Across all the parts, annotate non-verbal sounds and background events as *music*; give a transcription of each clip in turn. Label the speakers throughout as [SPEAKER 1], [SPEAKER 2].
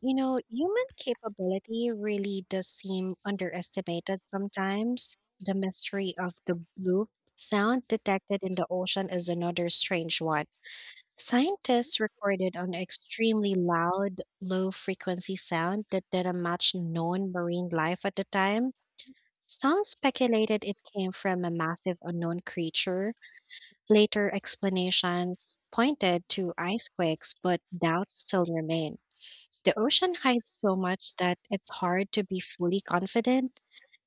[SPEAKER 1] Human capability really does seem underestimated sometimes. The mystery of the bloop sound detected in the ocean is another strange one. Scientists recorded an extremely loud, low frequency sound that didn't match known marine life at the time. Some speculated it came from a massive unknown creature. Later explanations pointed to ice quakes, but doubts still remain. The ocean hides so much that it's hard to be fully confident.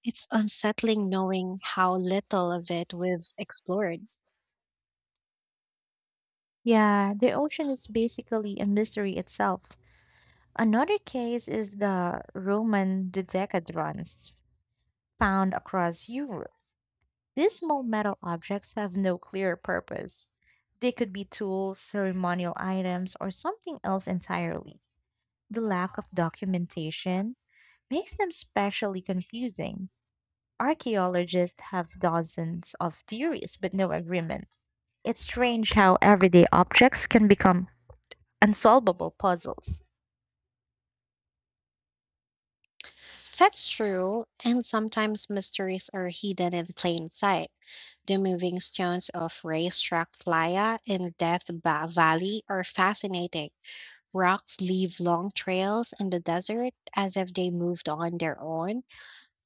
[SPEAKER 1] It's unsettling knowing how little of it we've explored.
[SPEAKER 2] Yeah, the ocean is basically a mystery itself. Another case is the Roman dodecadrons found across Europe. These small metal objects have no clear purpose. They could be tools, ceremonial items, or something else entirely. The lack of documentation makes them specially confusing. Archaeologists have dozens of theories, but no agreement. It's strange how everyday objects can become unsolvable puzzles.
[SPEAKER 1] That's true, and sometimes mysteries are hidden in plain sight. The moving stones of Racetrack Playa in Valley are fascinating. Rocks leave long trails in the desert as if they moved on their own.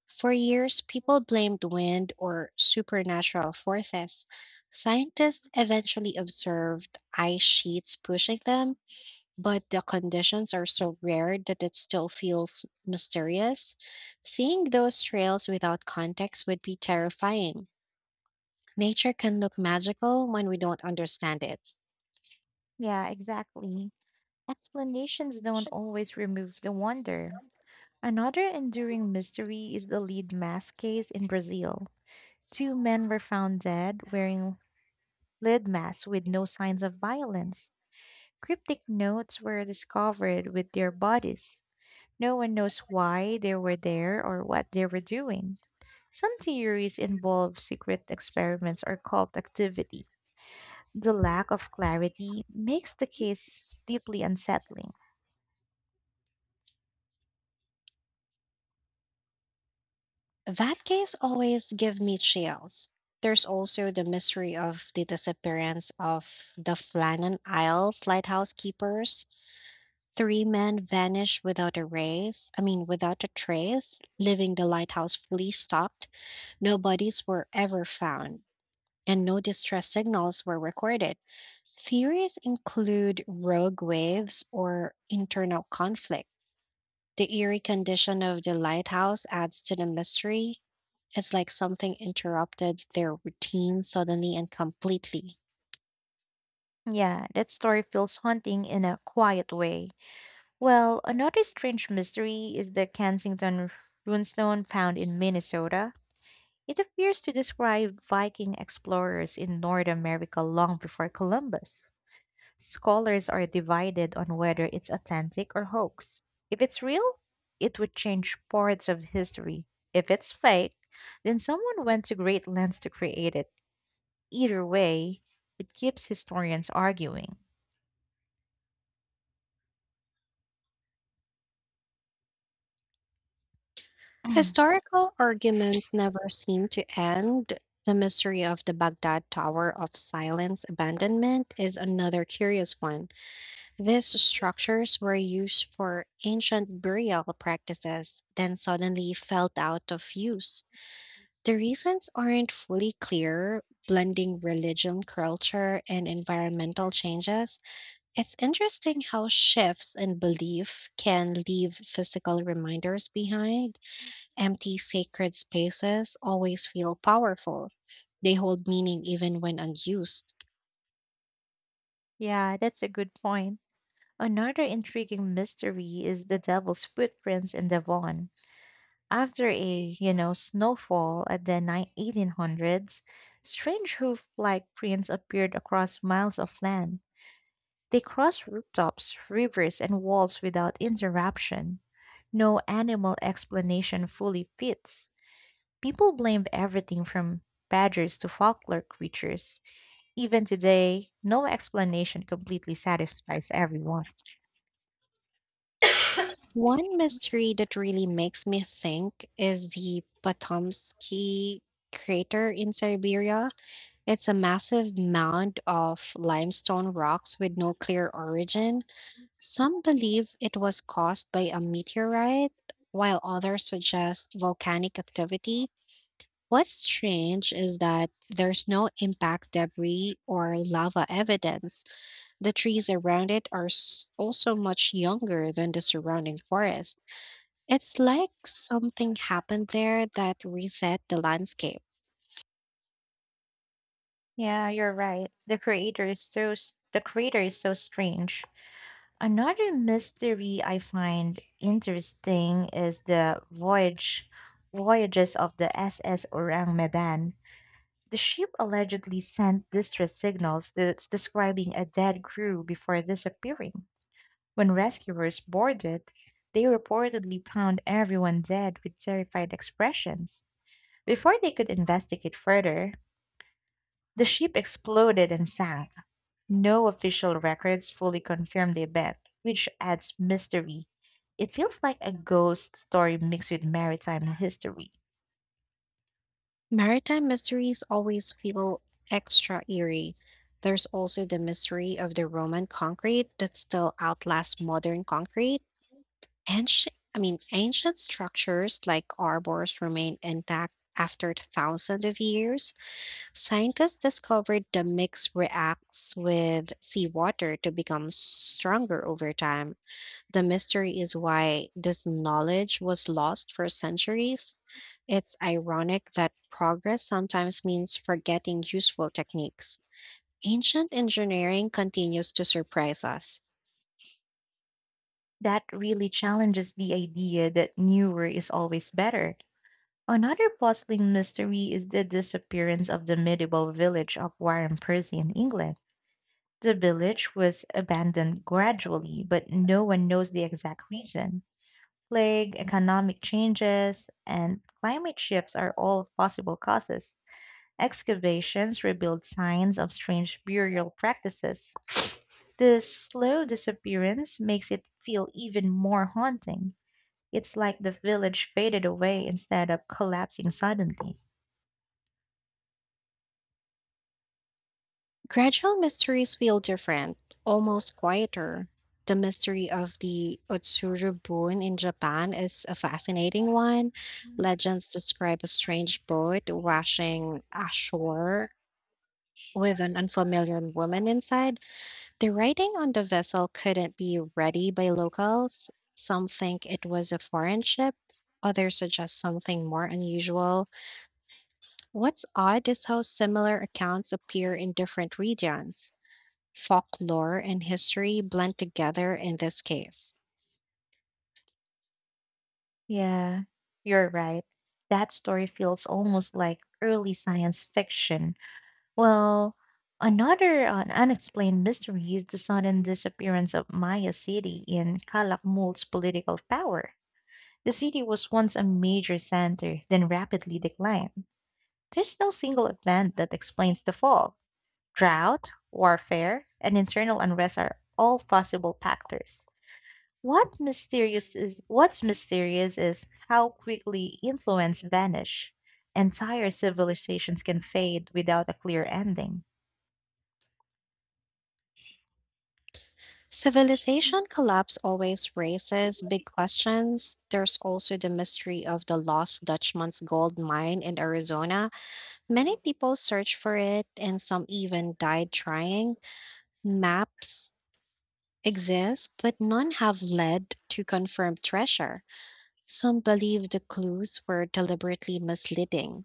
[SPEAKER 1] For years, people blamed wind or supernatural forces. Scientists eventually observed ice sheets pushing them, but the conditions are so rare that it still feels mysterious. Seeing those trails without context would be terrifying. Nature can look magical when we don't understand it.
[SPEAKER 2] Yeah, exactly. Explanations don't always remove the wonder. Another enduring mystery is the lead mask case in Brazil. Two men were found dead wearing lead masks with no signs of violence. Cryptic notes were discovered with their bodies. No one knows why they were there or what they were doing. Some theories involve secret experiments or cult activity. The lack of clarity makes the case deeply unsettling.
[SPEAKER 1] That case always give me chills. There's also the mystery of the disappearance of the Flannan Isles lighthouse keepers. Three men vanished without a race, I mean without a trace, leaving the lighthouse fully stocked. No bodies were ever found, and no distress signals were recorded. Theories include rogue waves or internal conflict. The eerie condition of the lighthouse adds to the mystery. It's like something interrupted their routine suddenly and completely.
[SPEAKER 2] Yeah, that story feels haunting in a quiet way. Well, another strange mystery is the Kensington runestone found in Minnesota. It appears to describe Viking explorers in North America long before Columbus. Scholars are divided on whether it's authentic or hoax. If it's real, it would change parts of history. If it's fake, then someone went to great lengths to create it. Either way, it keeps historians arguing. *clears throat*
[SPEAKER 1] Historical arguments never seem to end. The mystery of the Baghdad Tower of Silence abandonment is another curious one. These structures were used for ancient burial practices, then suddenly fell out of use. The reasons aren't fully clear, blending religion, culture, and environmental changes. It's interesting how shifts in belief can leave physical reminders behind. Empty sacred spaces always feel powerful, they hold meaning even when unused.
[SPEAKER 2] Yeah, that's a good point. Another intriguing mystery is the devil's footprints in Devon. After a snowfall at the 1800s, strange hoof-like prints appeared across miles of land. They crossed rooftops, rivers, and walls without interruption. No animal explanation fully fits. People blamed everything from badgers to folklore creatures. Even today, no explanation completely satisfies everyone.
[SPEAKER 1] One mystery that really makes me think is the Potomsky crater in Siberia. It's a massive mound of limestone rocks with no clear origin. Some believe it was caused by a meteorite, while others suggest volcanic activity. What's strange is that there's no impact debris or lava evidence. The trees around it are also much younger than the surrounding forest. It's like something happened there that reset the landscape.
[SPEAKER 2] Yeah, you're right. The creator is so strange. Another mystery I find interesting is the voyages of the SS Orang Medan. The ship allegedly sent distress signals that's describing a dead crew before disappearing. When rescuers boarded, they reportedly found everyone dead with terrified expressions. Before they could investigate further, the ship exploded and sank. No official records fully confirm the event, which adds mystery. It feels like a ghost story mixed with maritime history.
[SPEAKER 1] Maritime mysteries always feel extra eerie. There's also the mystery of the Roman concrete that still outlasts modern concrete. Ancient structures like arbors remain intact after thousands of years. Scientists discovered the mix reacts with seawater to become stronger over time. The mystery is why this knowledge was lost for centuries. It's ironic that progress sometimes means forgetting useful techniques. Ancient engineering continues to surprise us.
[SPEAKER 2] That really challenges the idea that newer is always better. Another puzzling mystery is the disappearance of the medieval village of Warren Percy in England. The village was abandoned gradually, but no one knows the exact reason. Plague, economic changes, and climate shifts are all possible causes. Excavations revealed signs of strange burial practices. The slow disappearance makes it feel even more haunting. It's like the village faded away instead of collapsing suddenly.
[SPEAKER 1] Gradual mysteries feel different, almost quieter. The mystery of the Otsuru Boon in Japan is a fascinating one. Legends describe a strange boat washing ashore with an unfamiliar woman inside. The writing on the vessel couldn't be ready by locals. Some think it was a foreign ship, others suggest something more unusual. What's odd is how similar accounts appear in different regions. Folklore and history blend together in this case.
[SPEAKER 2] Yeah, you're right. That story feels almost like early science fiction. Well, another unexplained mystery is the sudden disappearance of Maya City in Calakmul's political power. The city was once a major center, then rapidly declined. There's no single event that explains the fall. Drought, warfare, and internal unrest are all possible factors. What's mysterious is how quickly influence vanish. Entire civilizations can fade without a clear ending.
[SPEAKER 1] Civilization collapse always raises big questions. There's also the mystery of the lost Dutchman's gold mine in Arizona. Many people search for it, and some even died trying. Maps exist, but none have led to confirmed treasure. Some believe the clues were deliberately misleading.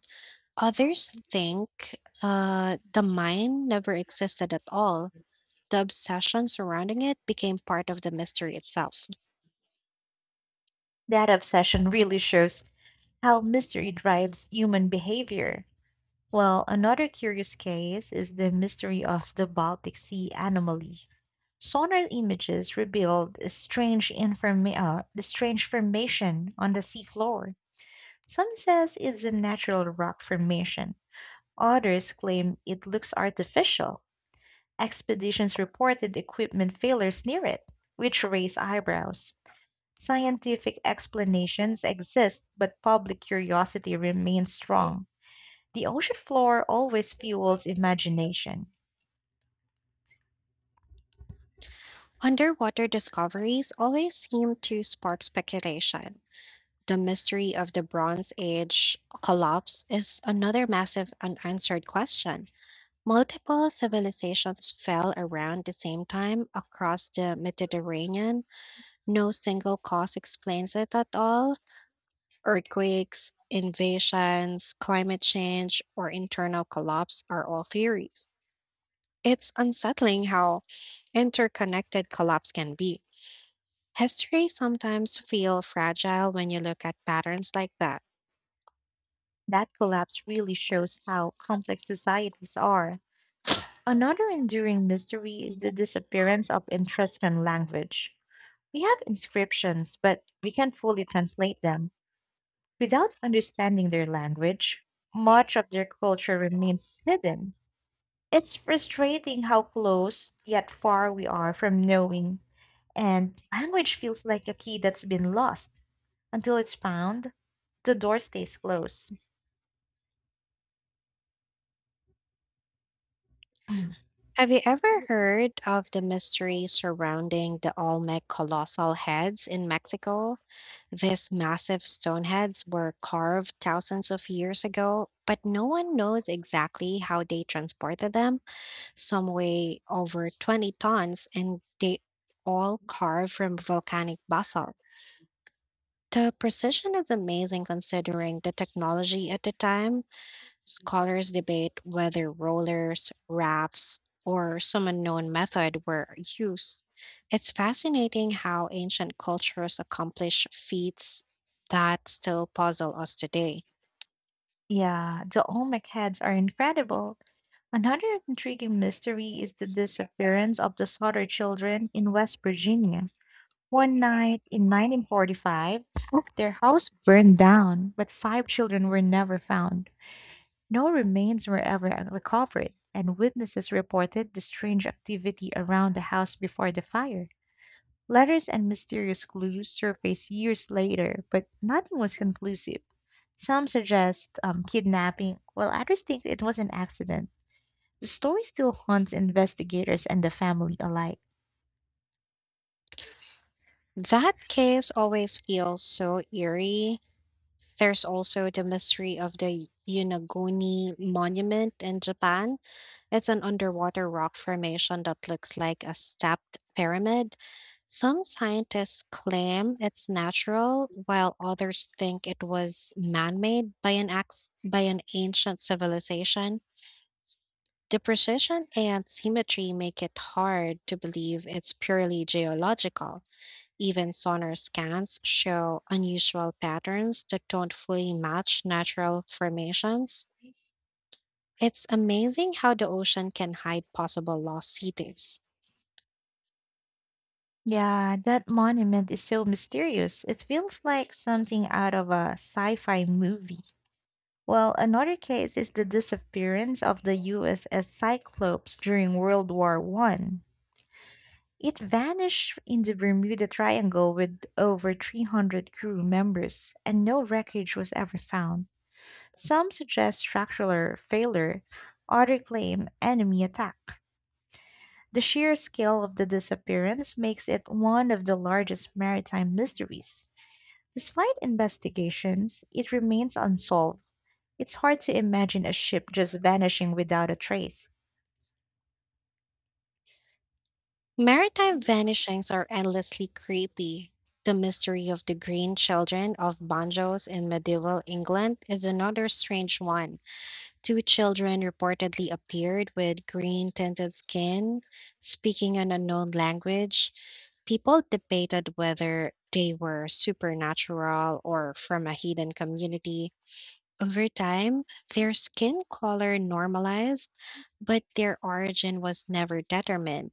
[SPEAKER 1] Others think the mine never existed at all. The obsession surrounding it became part of the mystery itself.
[SPEAKER 2] That obsession really shows how mystery drives human behavior. Well, another curious case is the mystery of the Baltic Sea anomaly. Sonar images revealed the strange formation on the seafloor. Some says it's a natural rock formation. Others claim it looks artificial. Expeditions reported equipment failures near it, which raise eyebrows. Scientific explanations exist, but public curiosity remains strong. The ocean floor always fuels imagination.
[SPEAKER 1] Underwater discoveries always seem to spark speculation. The mystery of the Bronze Age collapse is another massive unanswered question. Multiple civilizations fell around the same time across the Mediterranean. No single cause explains it at all. Earthquakes, invasions, climate change, or internal collapse are all theories. It's unsettling how interconnected collapse can be. History sometimes feel fragile when you look at patterns like that.
[SPEAKER 2] That collapse really shows how complex societies are. Another enduring mystery is the disappearance of Etruscan language. We have inscriptions, but we can't fully translate them. Without understanding their language, much of their culture remains hidden. It's frustrating how close yet far we are from knowing. And language feels like a key that's been lost. Until it's found, the door stays closed.
[SPEAKER 1] Have you ever heard of the mystery surrounding the Olmec colossal heads in Mexico? These massive stone heads were carved thousands of years ago, but no one knows exactly how they transported them. Some weigh over 20 tons and they all carved from volcanic basalt. The precision is amazing considering the technology at the time. Scholars debate whether rollers, rafts, or some unknown method were used. It's fascinating how ancient cultures accomplish feats that still puzzle us today.
[SPEAKER 2] Yeah, the Olmec heads are incredible. Another intriguing mystery is the disappearance of the Sutter children in West Virginia. One night in 1945, their house burned down, but five children were never found. No remains were ever recovered, and witnesses reported the strange activity around the house before the fire. Letters and mysterious clues surfaced years later, but nothing was conclusive. Some suggest kidnapping, while others think it was an accident. The story still haunts investigators and the family alike.
[SPEAKER 1] That case always feels so eerie. There's also the mystery of the Yunaguni monument in Japan. It's an underwater rock formation that looks like a stepped pyramid. Some scientists claim it's natural, while others think it was man-made by an ex by an ancient civilization. The precision and symmetry make it hard to believe it's purely geological. Even sonar scans show unusual patterns that don't fully match natural formations. It's amazing how the ocean can hide possible lost cities.
[SPEAKER 2] Yeah, that monument is so mysterious. It feels like something out of a sci fi movie. Well, another case is the disappearance of the USS Cyclops during World War I. It vanished in the Bermuda Triangle with over 300 crew members, and no wreckage was ever found. Some suggest structural failure, others claim enemy attack. The sheer scale of the disappearance makes it one of the largest maritime mysteries. Despite investigations, it remains unsolved. It's hard to imagine a ship just vanishing without a trace.
[SPEAKER 1] Maritime vanishings are endlessly creepy. The mystery of the green children of Banjos in medieval England is another strange one. Two children reportedly appeared with green tinted skin, speaking an unknown language. People debated whether they were supernatural or from a hidden community. Over time, their skin color normalized, but their origin was never determined.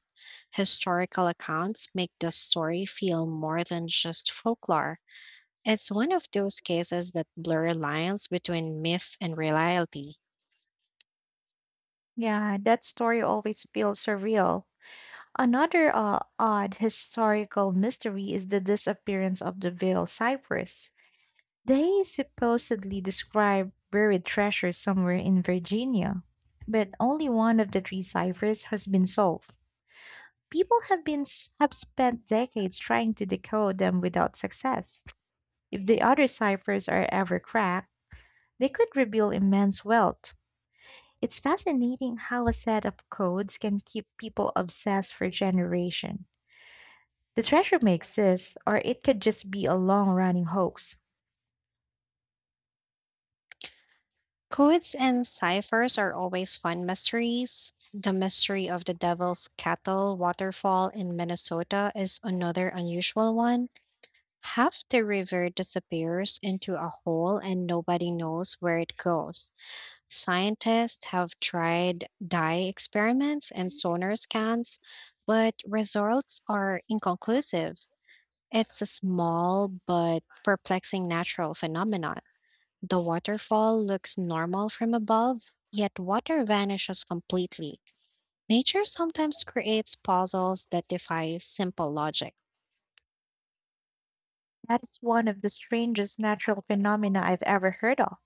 [SPEAKER 1] Historical accounts make the story feel more than just folklore. It's one of those cases that blur lines between myth and reality.
[SPEAKER 2] Yeah, that story always feels surreal. Another odd historical mystery is the disappearance of the Veil ciphers. They supposedly describe buried treasure somewhere in Virginia, but only one of the three ciphers has been solved. People have been s- have spent decades trying to decode them without success. If the other ciphers are ever cracked, they could reveal immense wealth. It's fascinating how a set of codes can keep people obsessed for generations. The treasure may exist, or it could just be a long running hoax.
[SPEAKER 1] Codes and ciphers are always fun mysteries. The mystery of the Devil's Cattle Waterfall in Minnesota is another unusual one. Half the river disappears into a hole and nobody knows where it goes. Scientists have tried dye experiments and sonar scans, but results are inconclusive. It's a small but perplexing natural phenomenon. The waterfall looks normal from above, yet water vanishes completely. Nature sometimes creates puzzles that defy simple logic.
[SPEAKER 2] That is one of the strangest natural phenomena I've ever heard of.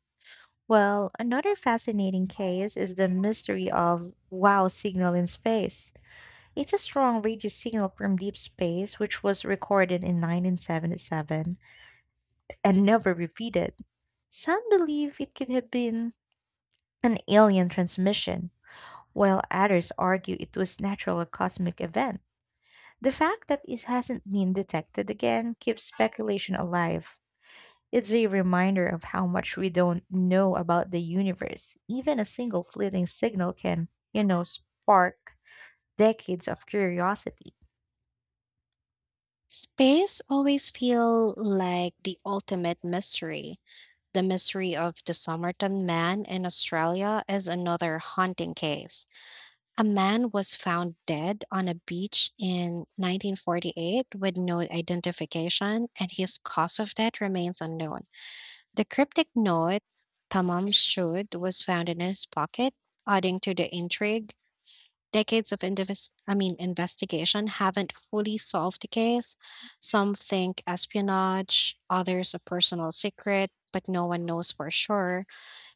[SPEAKER 2] Well, another fascinating case is the mystery of wow signal in space. It's a strong radio signal from deep space which was recorded in 1977 and never repeated. Some believe it could have been an alien transmission, while others argue it was natural or cosmic event. The fact that it hasn't been detected again keeps speculation alive. It's a reminder of how much we don't know about the universe. Even a single fleeting signal can spark decades of curiosity.
[SPEAKER 1] Space always feel like the ultimate mystery. The mystery of the Somerton man in Australia is another haunting case. A man was found dead on a beach in 1948 with no identification, and his cause of death remains unknown. The cryptic note, Tamam Shud, was found in his pocket, adding to the intrigue. Decades of investigation haven't fully solved the case. Some think espionage, others a personal secret, but no one knows for sure.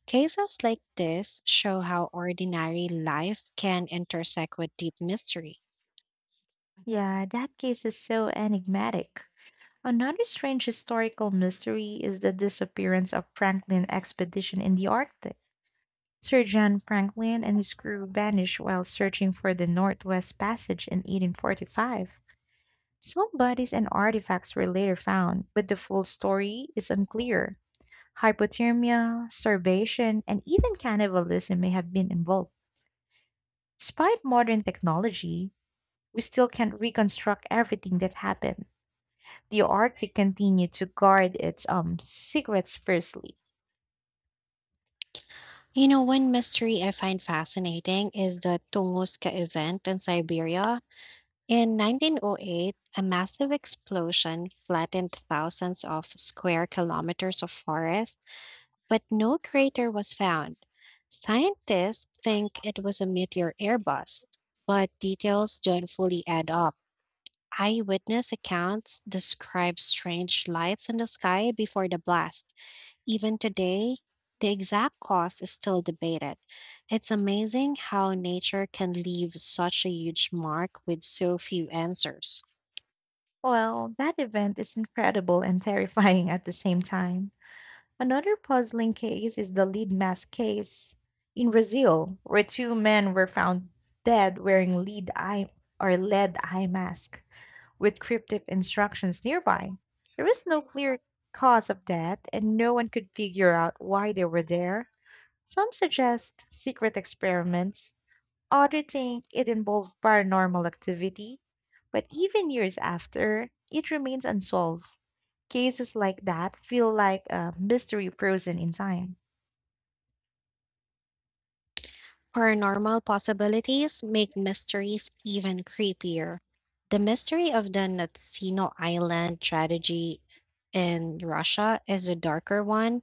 [SPEAKER 1] Cases like this show how ordinary life can intersect with deep mystery.
[SPEAKER 2] Yeah, that case is so enigmatic. Another strange historical mystery is the disappearance of Franklin expedition in the Arctic. Sir John Franklin and his crew vanished while searching for the Northwest Passage in 1845. Small bodies and artifacts were later found, but the full story is unclear. Hypothermia, starvation, and even cannibalism may have been involved. Despite modern technology, we still can't reconstruct everything that happened. The Arctic continued to guard its secrets fiercely.
[SPEAKER 1] One mystery I find fascinating is the Tunguska event in Siberia. In 1908, a massive explosion flattened thousands of square kilometers of forest but no crater was found. Scientists think it was a meteor airburst, but details don't fully add up. Eyewitness accounts describe strange lights in the sky before the blast. Even today, the exact cause is still debated. It's amazing how nature can leave such a huge mark with so few answers.
[SPEAKER 2] Well, that event is incredible and terrifying at the same time. Another puzzling case is the lead mask case in Brazil, where two men were found dead wearing lead eye or lead eye mask with cryptic instructions nearby. There is no clear cause of death, and no one could figure out why they were there. Some suggest secret experiments, others think it involved paranormal activity, but even years after, it remains unsolved. Cases like that feel like a mystery frozen in time.
[SPEAKER 1] Paranormal possibilities make mysteries even creepier. The mystery of the Natsino Island tragedy in Russia is a darker one.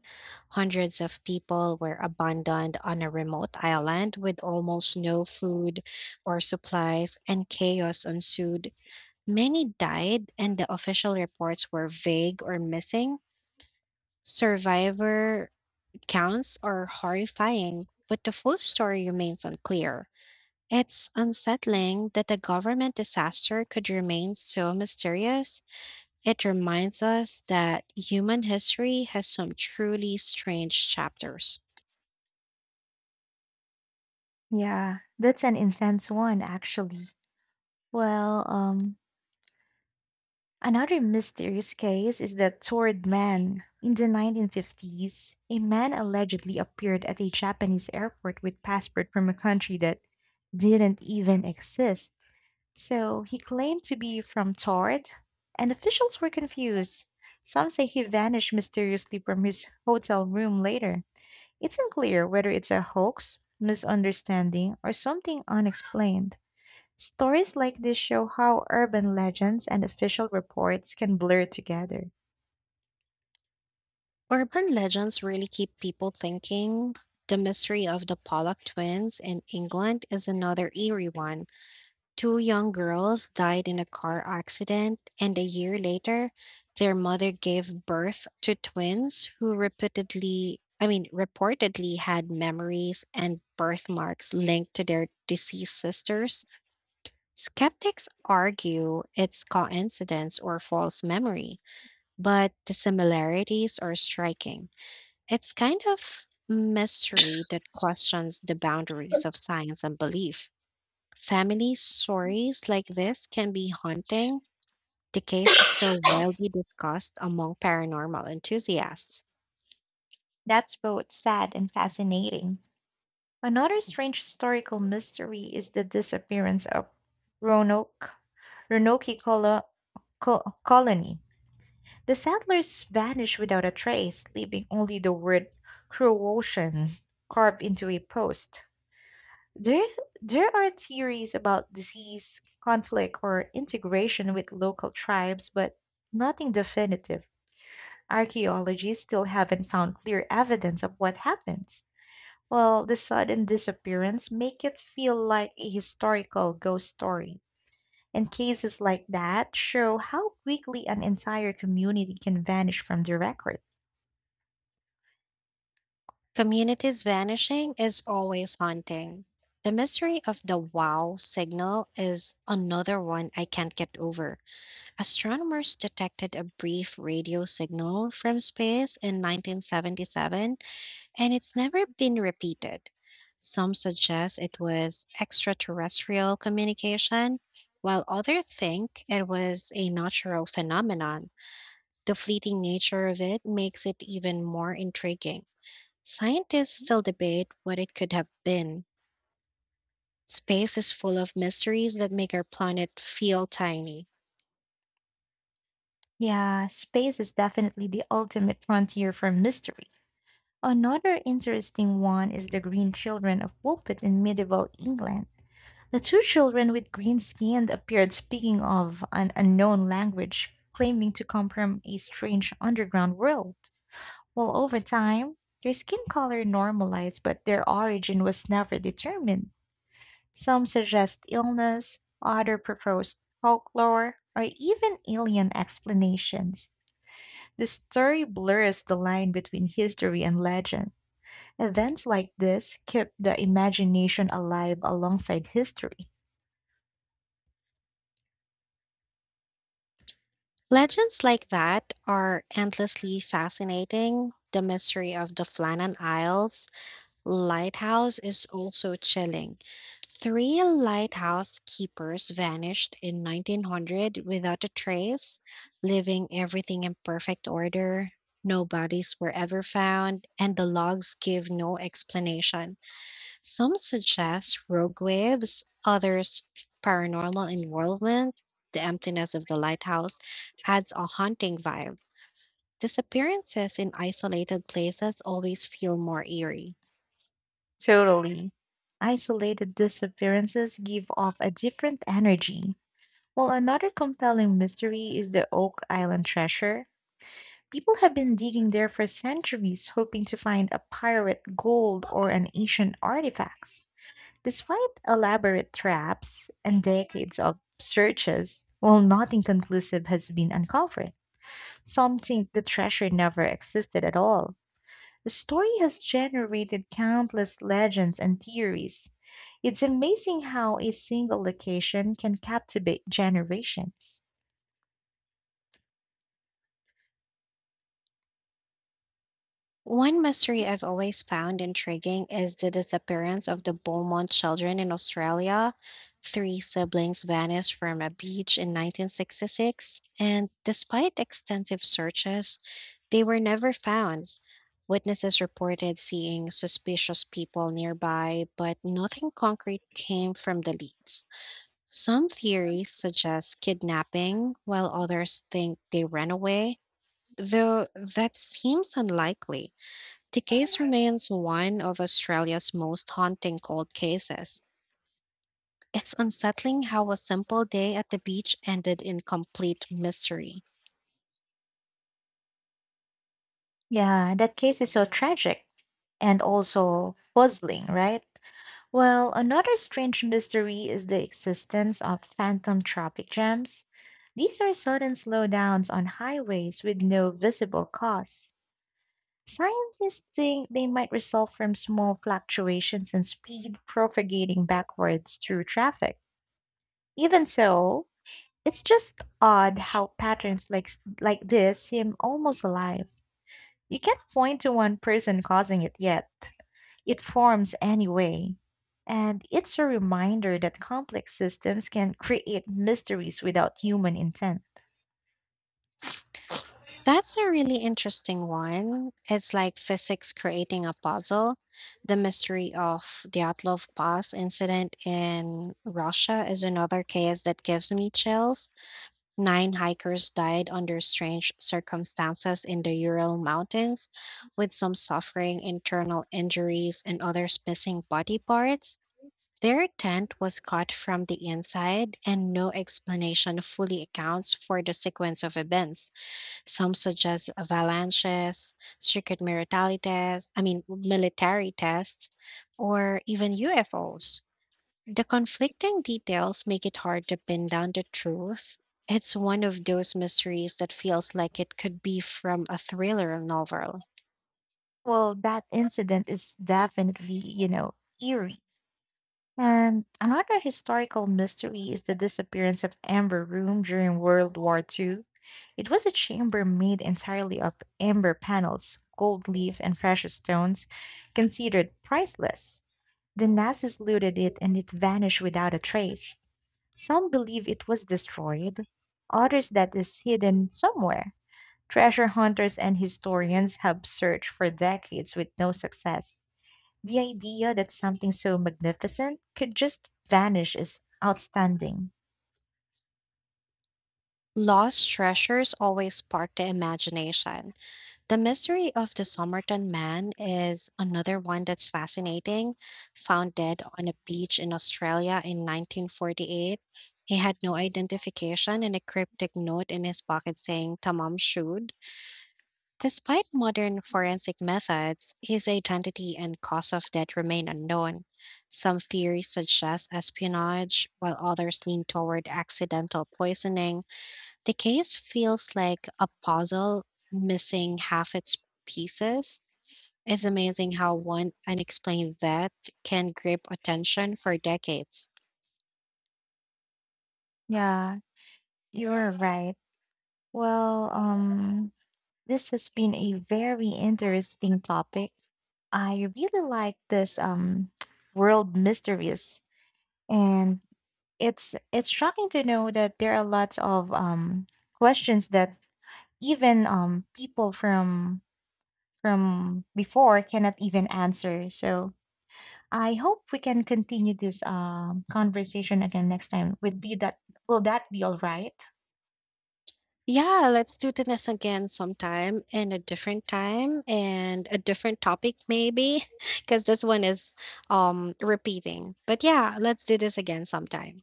[SPEAKER 1] Hundreds of people were abandoned on a remote island with almost no food or supplies, and chaos ensued. Many died, and the official reports were vague or missing. Survivor counts are horrifying, but the full story remains unclear. It's unsettling that a government disaster could remain so mysterious. It reminds us that human history has some truly strange chapters.
[SPEAKER 2] Yeah, that's an intense one, actually. Well, another mysterious case is the Torrid Man. In the 1950s, a man allegedly appeared at a Japanese airport with passport from a country that didn't even exist. So he claimed to be from Tord, and officials were confused. Some say he vanished mysteriously from his hotel room later. It's unclear whether it's a hoax, misunderstanding, or something unexplained. Stories like this show how urban legends and official reports can blur together.
[SPEAKER 1] Urban legends really keep people thinking. The mystery of the Pollock twins in England is another eerie one. Two young girls died in a car accident, and a year later, their mother gave birth to twins who reportedly had memories and birthmarks linked to their deceased sisters. Skeptics argue it's coincidence or false memory, but the similarities are striking. It's kind of mystery that questions the boundaries of science and belief. Family stories like this can be haunting. The case is still widely discussed among paranormal enthusiasts.
[SPEAKER 2] That's both sad and fascinating. Another strange historical mystery is the disappearance of Roanoke, Roanoke colo- colony. The settlers vanished without a trace, leaving only the word Croatian carved into a post. There, there are theories about disease, conflict, or integration with local tribes, but nothing definitive. Archaeologists still haven't found clear evidence of what happened. While the sudden disappearance make it feel like a historical ghost story. And cases like that show how quickly an entire community can vanish from the record.
[SPEAKER 1] Communities vanishing is always haunting. The mystery of the wow signal is another one I can't get over. Astronomers detected a brief radio signal from space in 1977 and it's never been repeated. Some suggest it was extraterrestrial communication, while others think it was a natural phenomenon. The fleeting nature of it makes it even more intriguing. Scientists still debate what it could have been. Space is full of mysteries that make our planet feel tiny.
[SPEAKER 2] Yeah, space is definitely the ultimate frontier for mystery. Another interesting one is the green children of Woolpit in medieval England. The two children with green skin appeared speaking of an unknown language, claiming to come from a strange underground world. While over time, their skin color normalized, but their origin was never determined. Some suggest illness, others propose folklore, or even alien explanations. The story blurs the line between history and legend. Events like this keep the imagination alive alongside history.
[SPEAKER 1] Legends like that are endlessly fascinating. The mystery of the Flannan Isles, Lighthouse is also chilling. Three lighthouse keepers vanished in 1900 without a trace, leaving everything in perfect order. No bodies were ever found, and the logs give no explanation. Some suggest rogue waves, others paranormal involvement. The emptiness of the lighthouse adds a haunting vibe. Disappearances in isolated places always feel more eerie.
[SPEAKER 2] Totally. Isolated disappearances give off a different energy. While another compelling mystery is the Oak Island treasure. People have been digging there for centuries, hoping to find a pirate gold or an ancient artifacts. Despite elaborate traps and decades of searches, well, nothing conclusive has been uncovered. Some think the treasure never existed at all. The story has generated countless legends and theories. It's amazing how a single location can captivate generations.
[SPEAKER 1] One mystery I've always found intriguing is the disappearance of the Beaumont children in Australia. Three siblings vanished from a beach in 1966, and despite extensive searches, they were never found. Witnesses reported seeing suspicious people nearby, but nothing concrete came from the leads. Some theories suggest kidnapping, while others think they ran away, though that seems unlikely. The case remains one of Australia's most haunting cold cases. It's unsettling how a simple day at the beach ended in complete mystery.
[SPEAKER 2] Yeah, that case is so tragic and also puzzling, right? Well, another strange mystery is the existence of phantom traffic jams. These are sudden slowdowns on highways with no visible cause. Scientists think they might result from small fluctuations in speed propagating backwards through traffic. Even so, it's just odd how patterns like this seem almost alive. You can't point to one person causing it yet. It forms anyway. And it's a reminder that complex systems can create mysteries without human intent.
[SPEAKER 1] That's a really interesting one. It's like physics creating a puzzle. The mystery of the Atlov Pass incident in Russia is another case that gives me chills. Nine hikers died under strange circumstances in the Ural Mountains, with some suffering internal injuries and others missing body parts. Their tent was cut from the inside, and no explanation fully accounts for the sequence of events. Some suggest avalanches, secret military tests, I mean, military tests, or even UFOs. The conflicting details make it hard to pin down the truth. It's one of those mysteries that feels like it could be from a thriller novel.
[SPEAKER 2] Well, that incident is definitely, eerie. And another historical mystery is the disappearance of Amber Room during World War II. It was a chamber made entirely of amber panels, gold leaf, and precious stones, considered priceless. The Nazis looted it and it vanished without a trace. Some believe it was destroyed, others that is hidden somewhere. Treasure hunters and historians have searched for decades with no success. The idea that something so magnificent could just vanish is outstanding.
[SPEAKER 1] Lost treasures always spark the imagination. The mystery of the Somerton Man is another one that's fascinating. Found dead on a beach in Australia in 1948, he had no identification and a cryptic note in his pocket saying "Tamam Shud." Despite modern forensic methods, his identity and cause of death remain unknown. Some theories suggest espionage, while others lean toward accidental poisoning. The case feels like a puzzle missing half its pieces. It's amazing how one unexplained death can grip attention for decades.
[SPEAKER 2] Yeah, you're right. Well, this has been a very interesting topic. I really like this *tsk* world mysteries and it's shocking to know that there are lots of questions that even people from before cannot even answer. So I hope we can continue this conversation again next time. Would be that will that be all right?
[SPEAKER 1] Yeah, let's do this again sometime in a different time and a different topic maybe *laughs* because this one is repeating. But yeah, let's do this again sometime.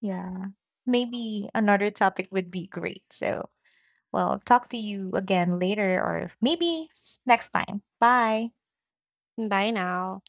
[SPEAKER 2] Yeah. Maybe another topic would be great. So, well, talk to you again later or maybe next time. Bye.
[SPEAKER 1] Bye now.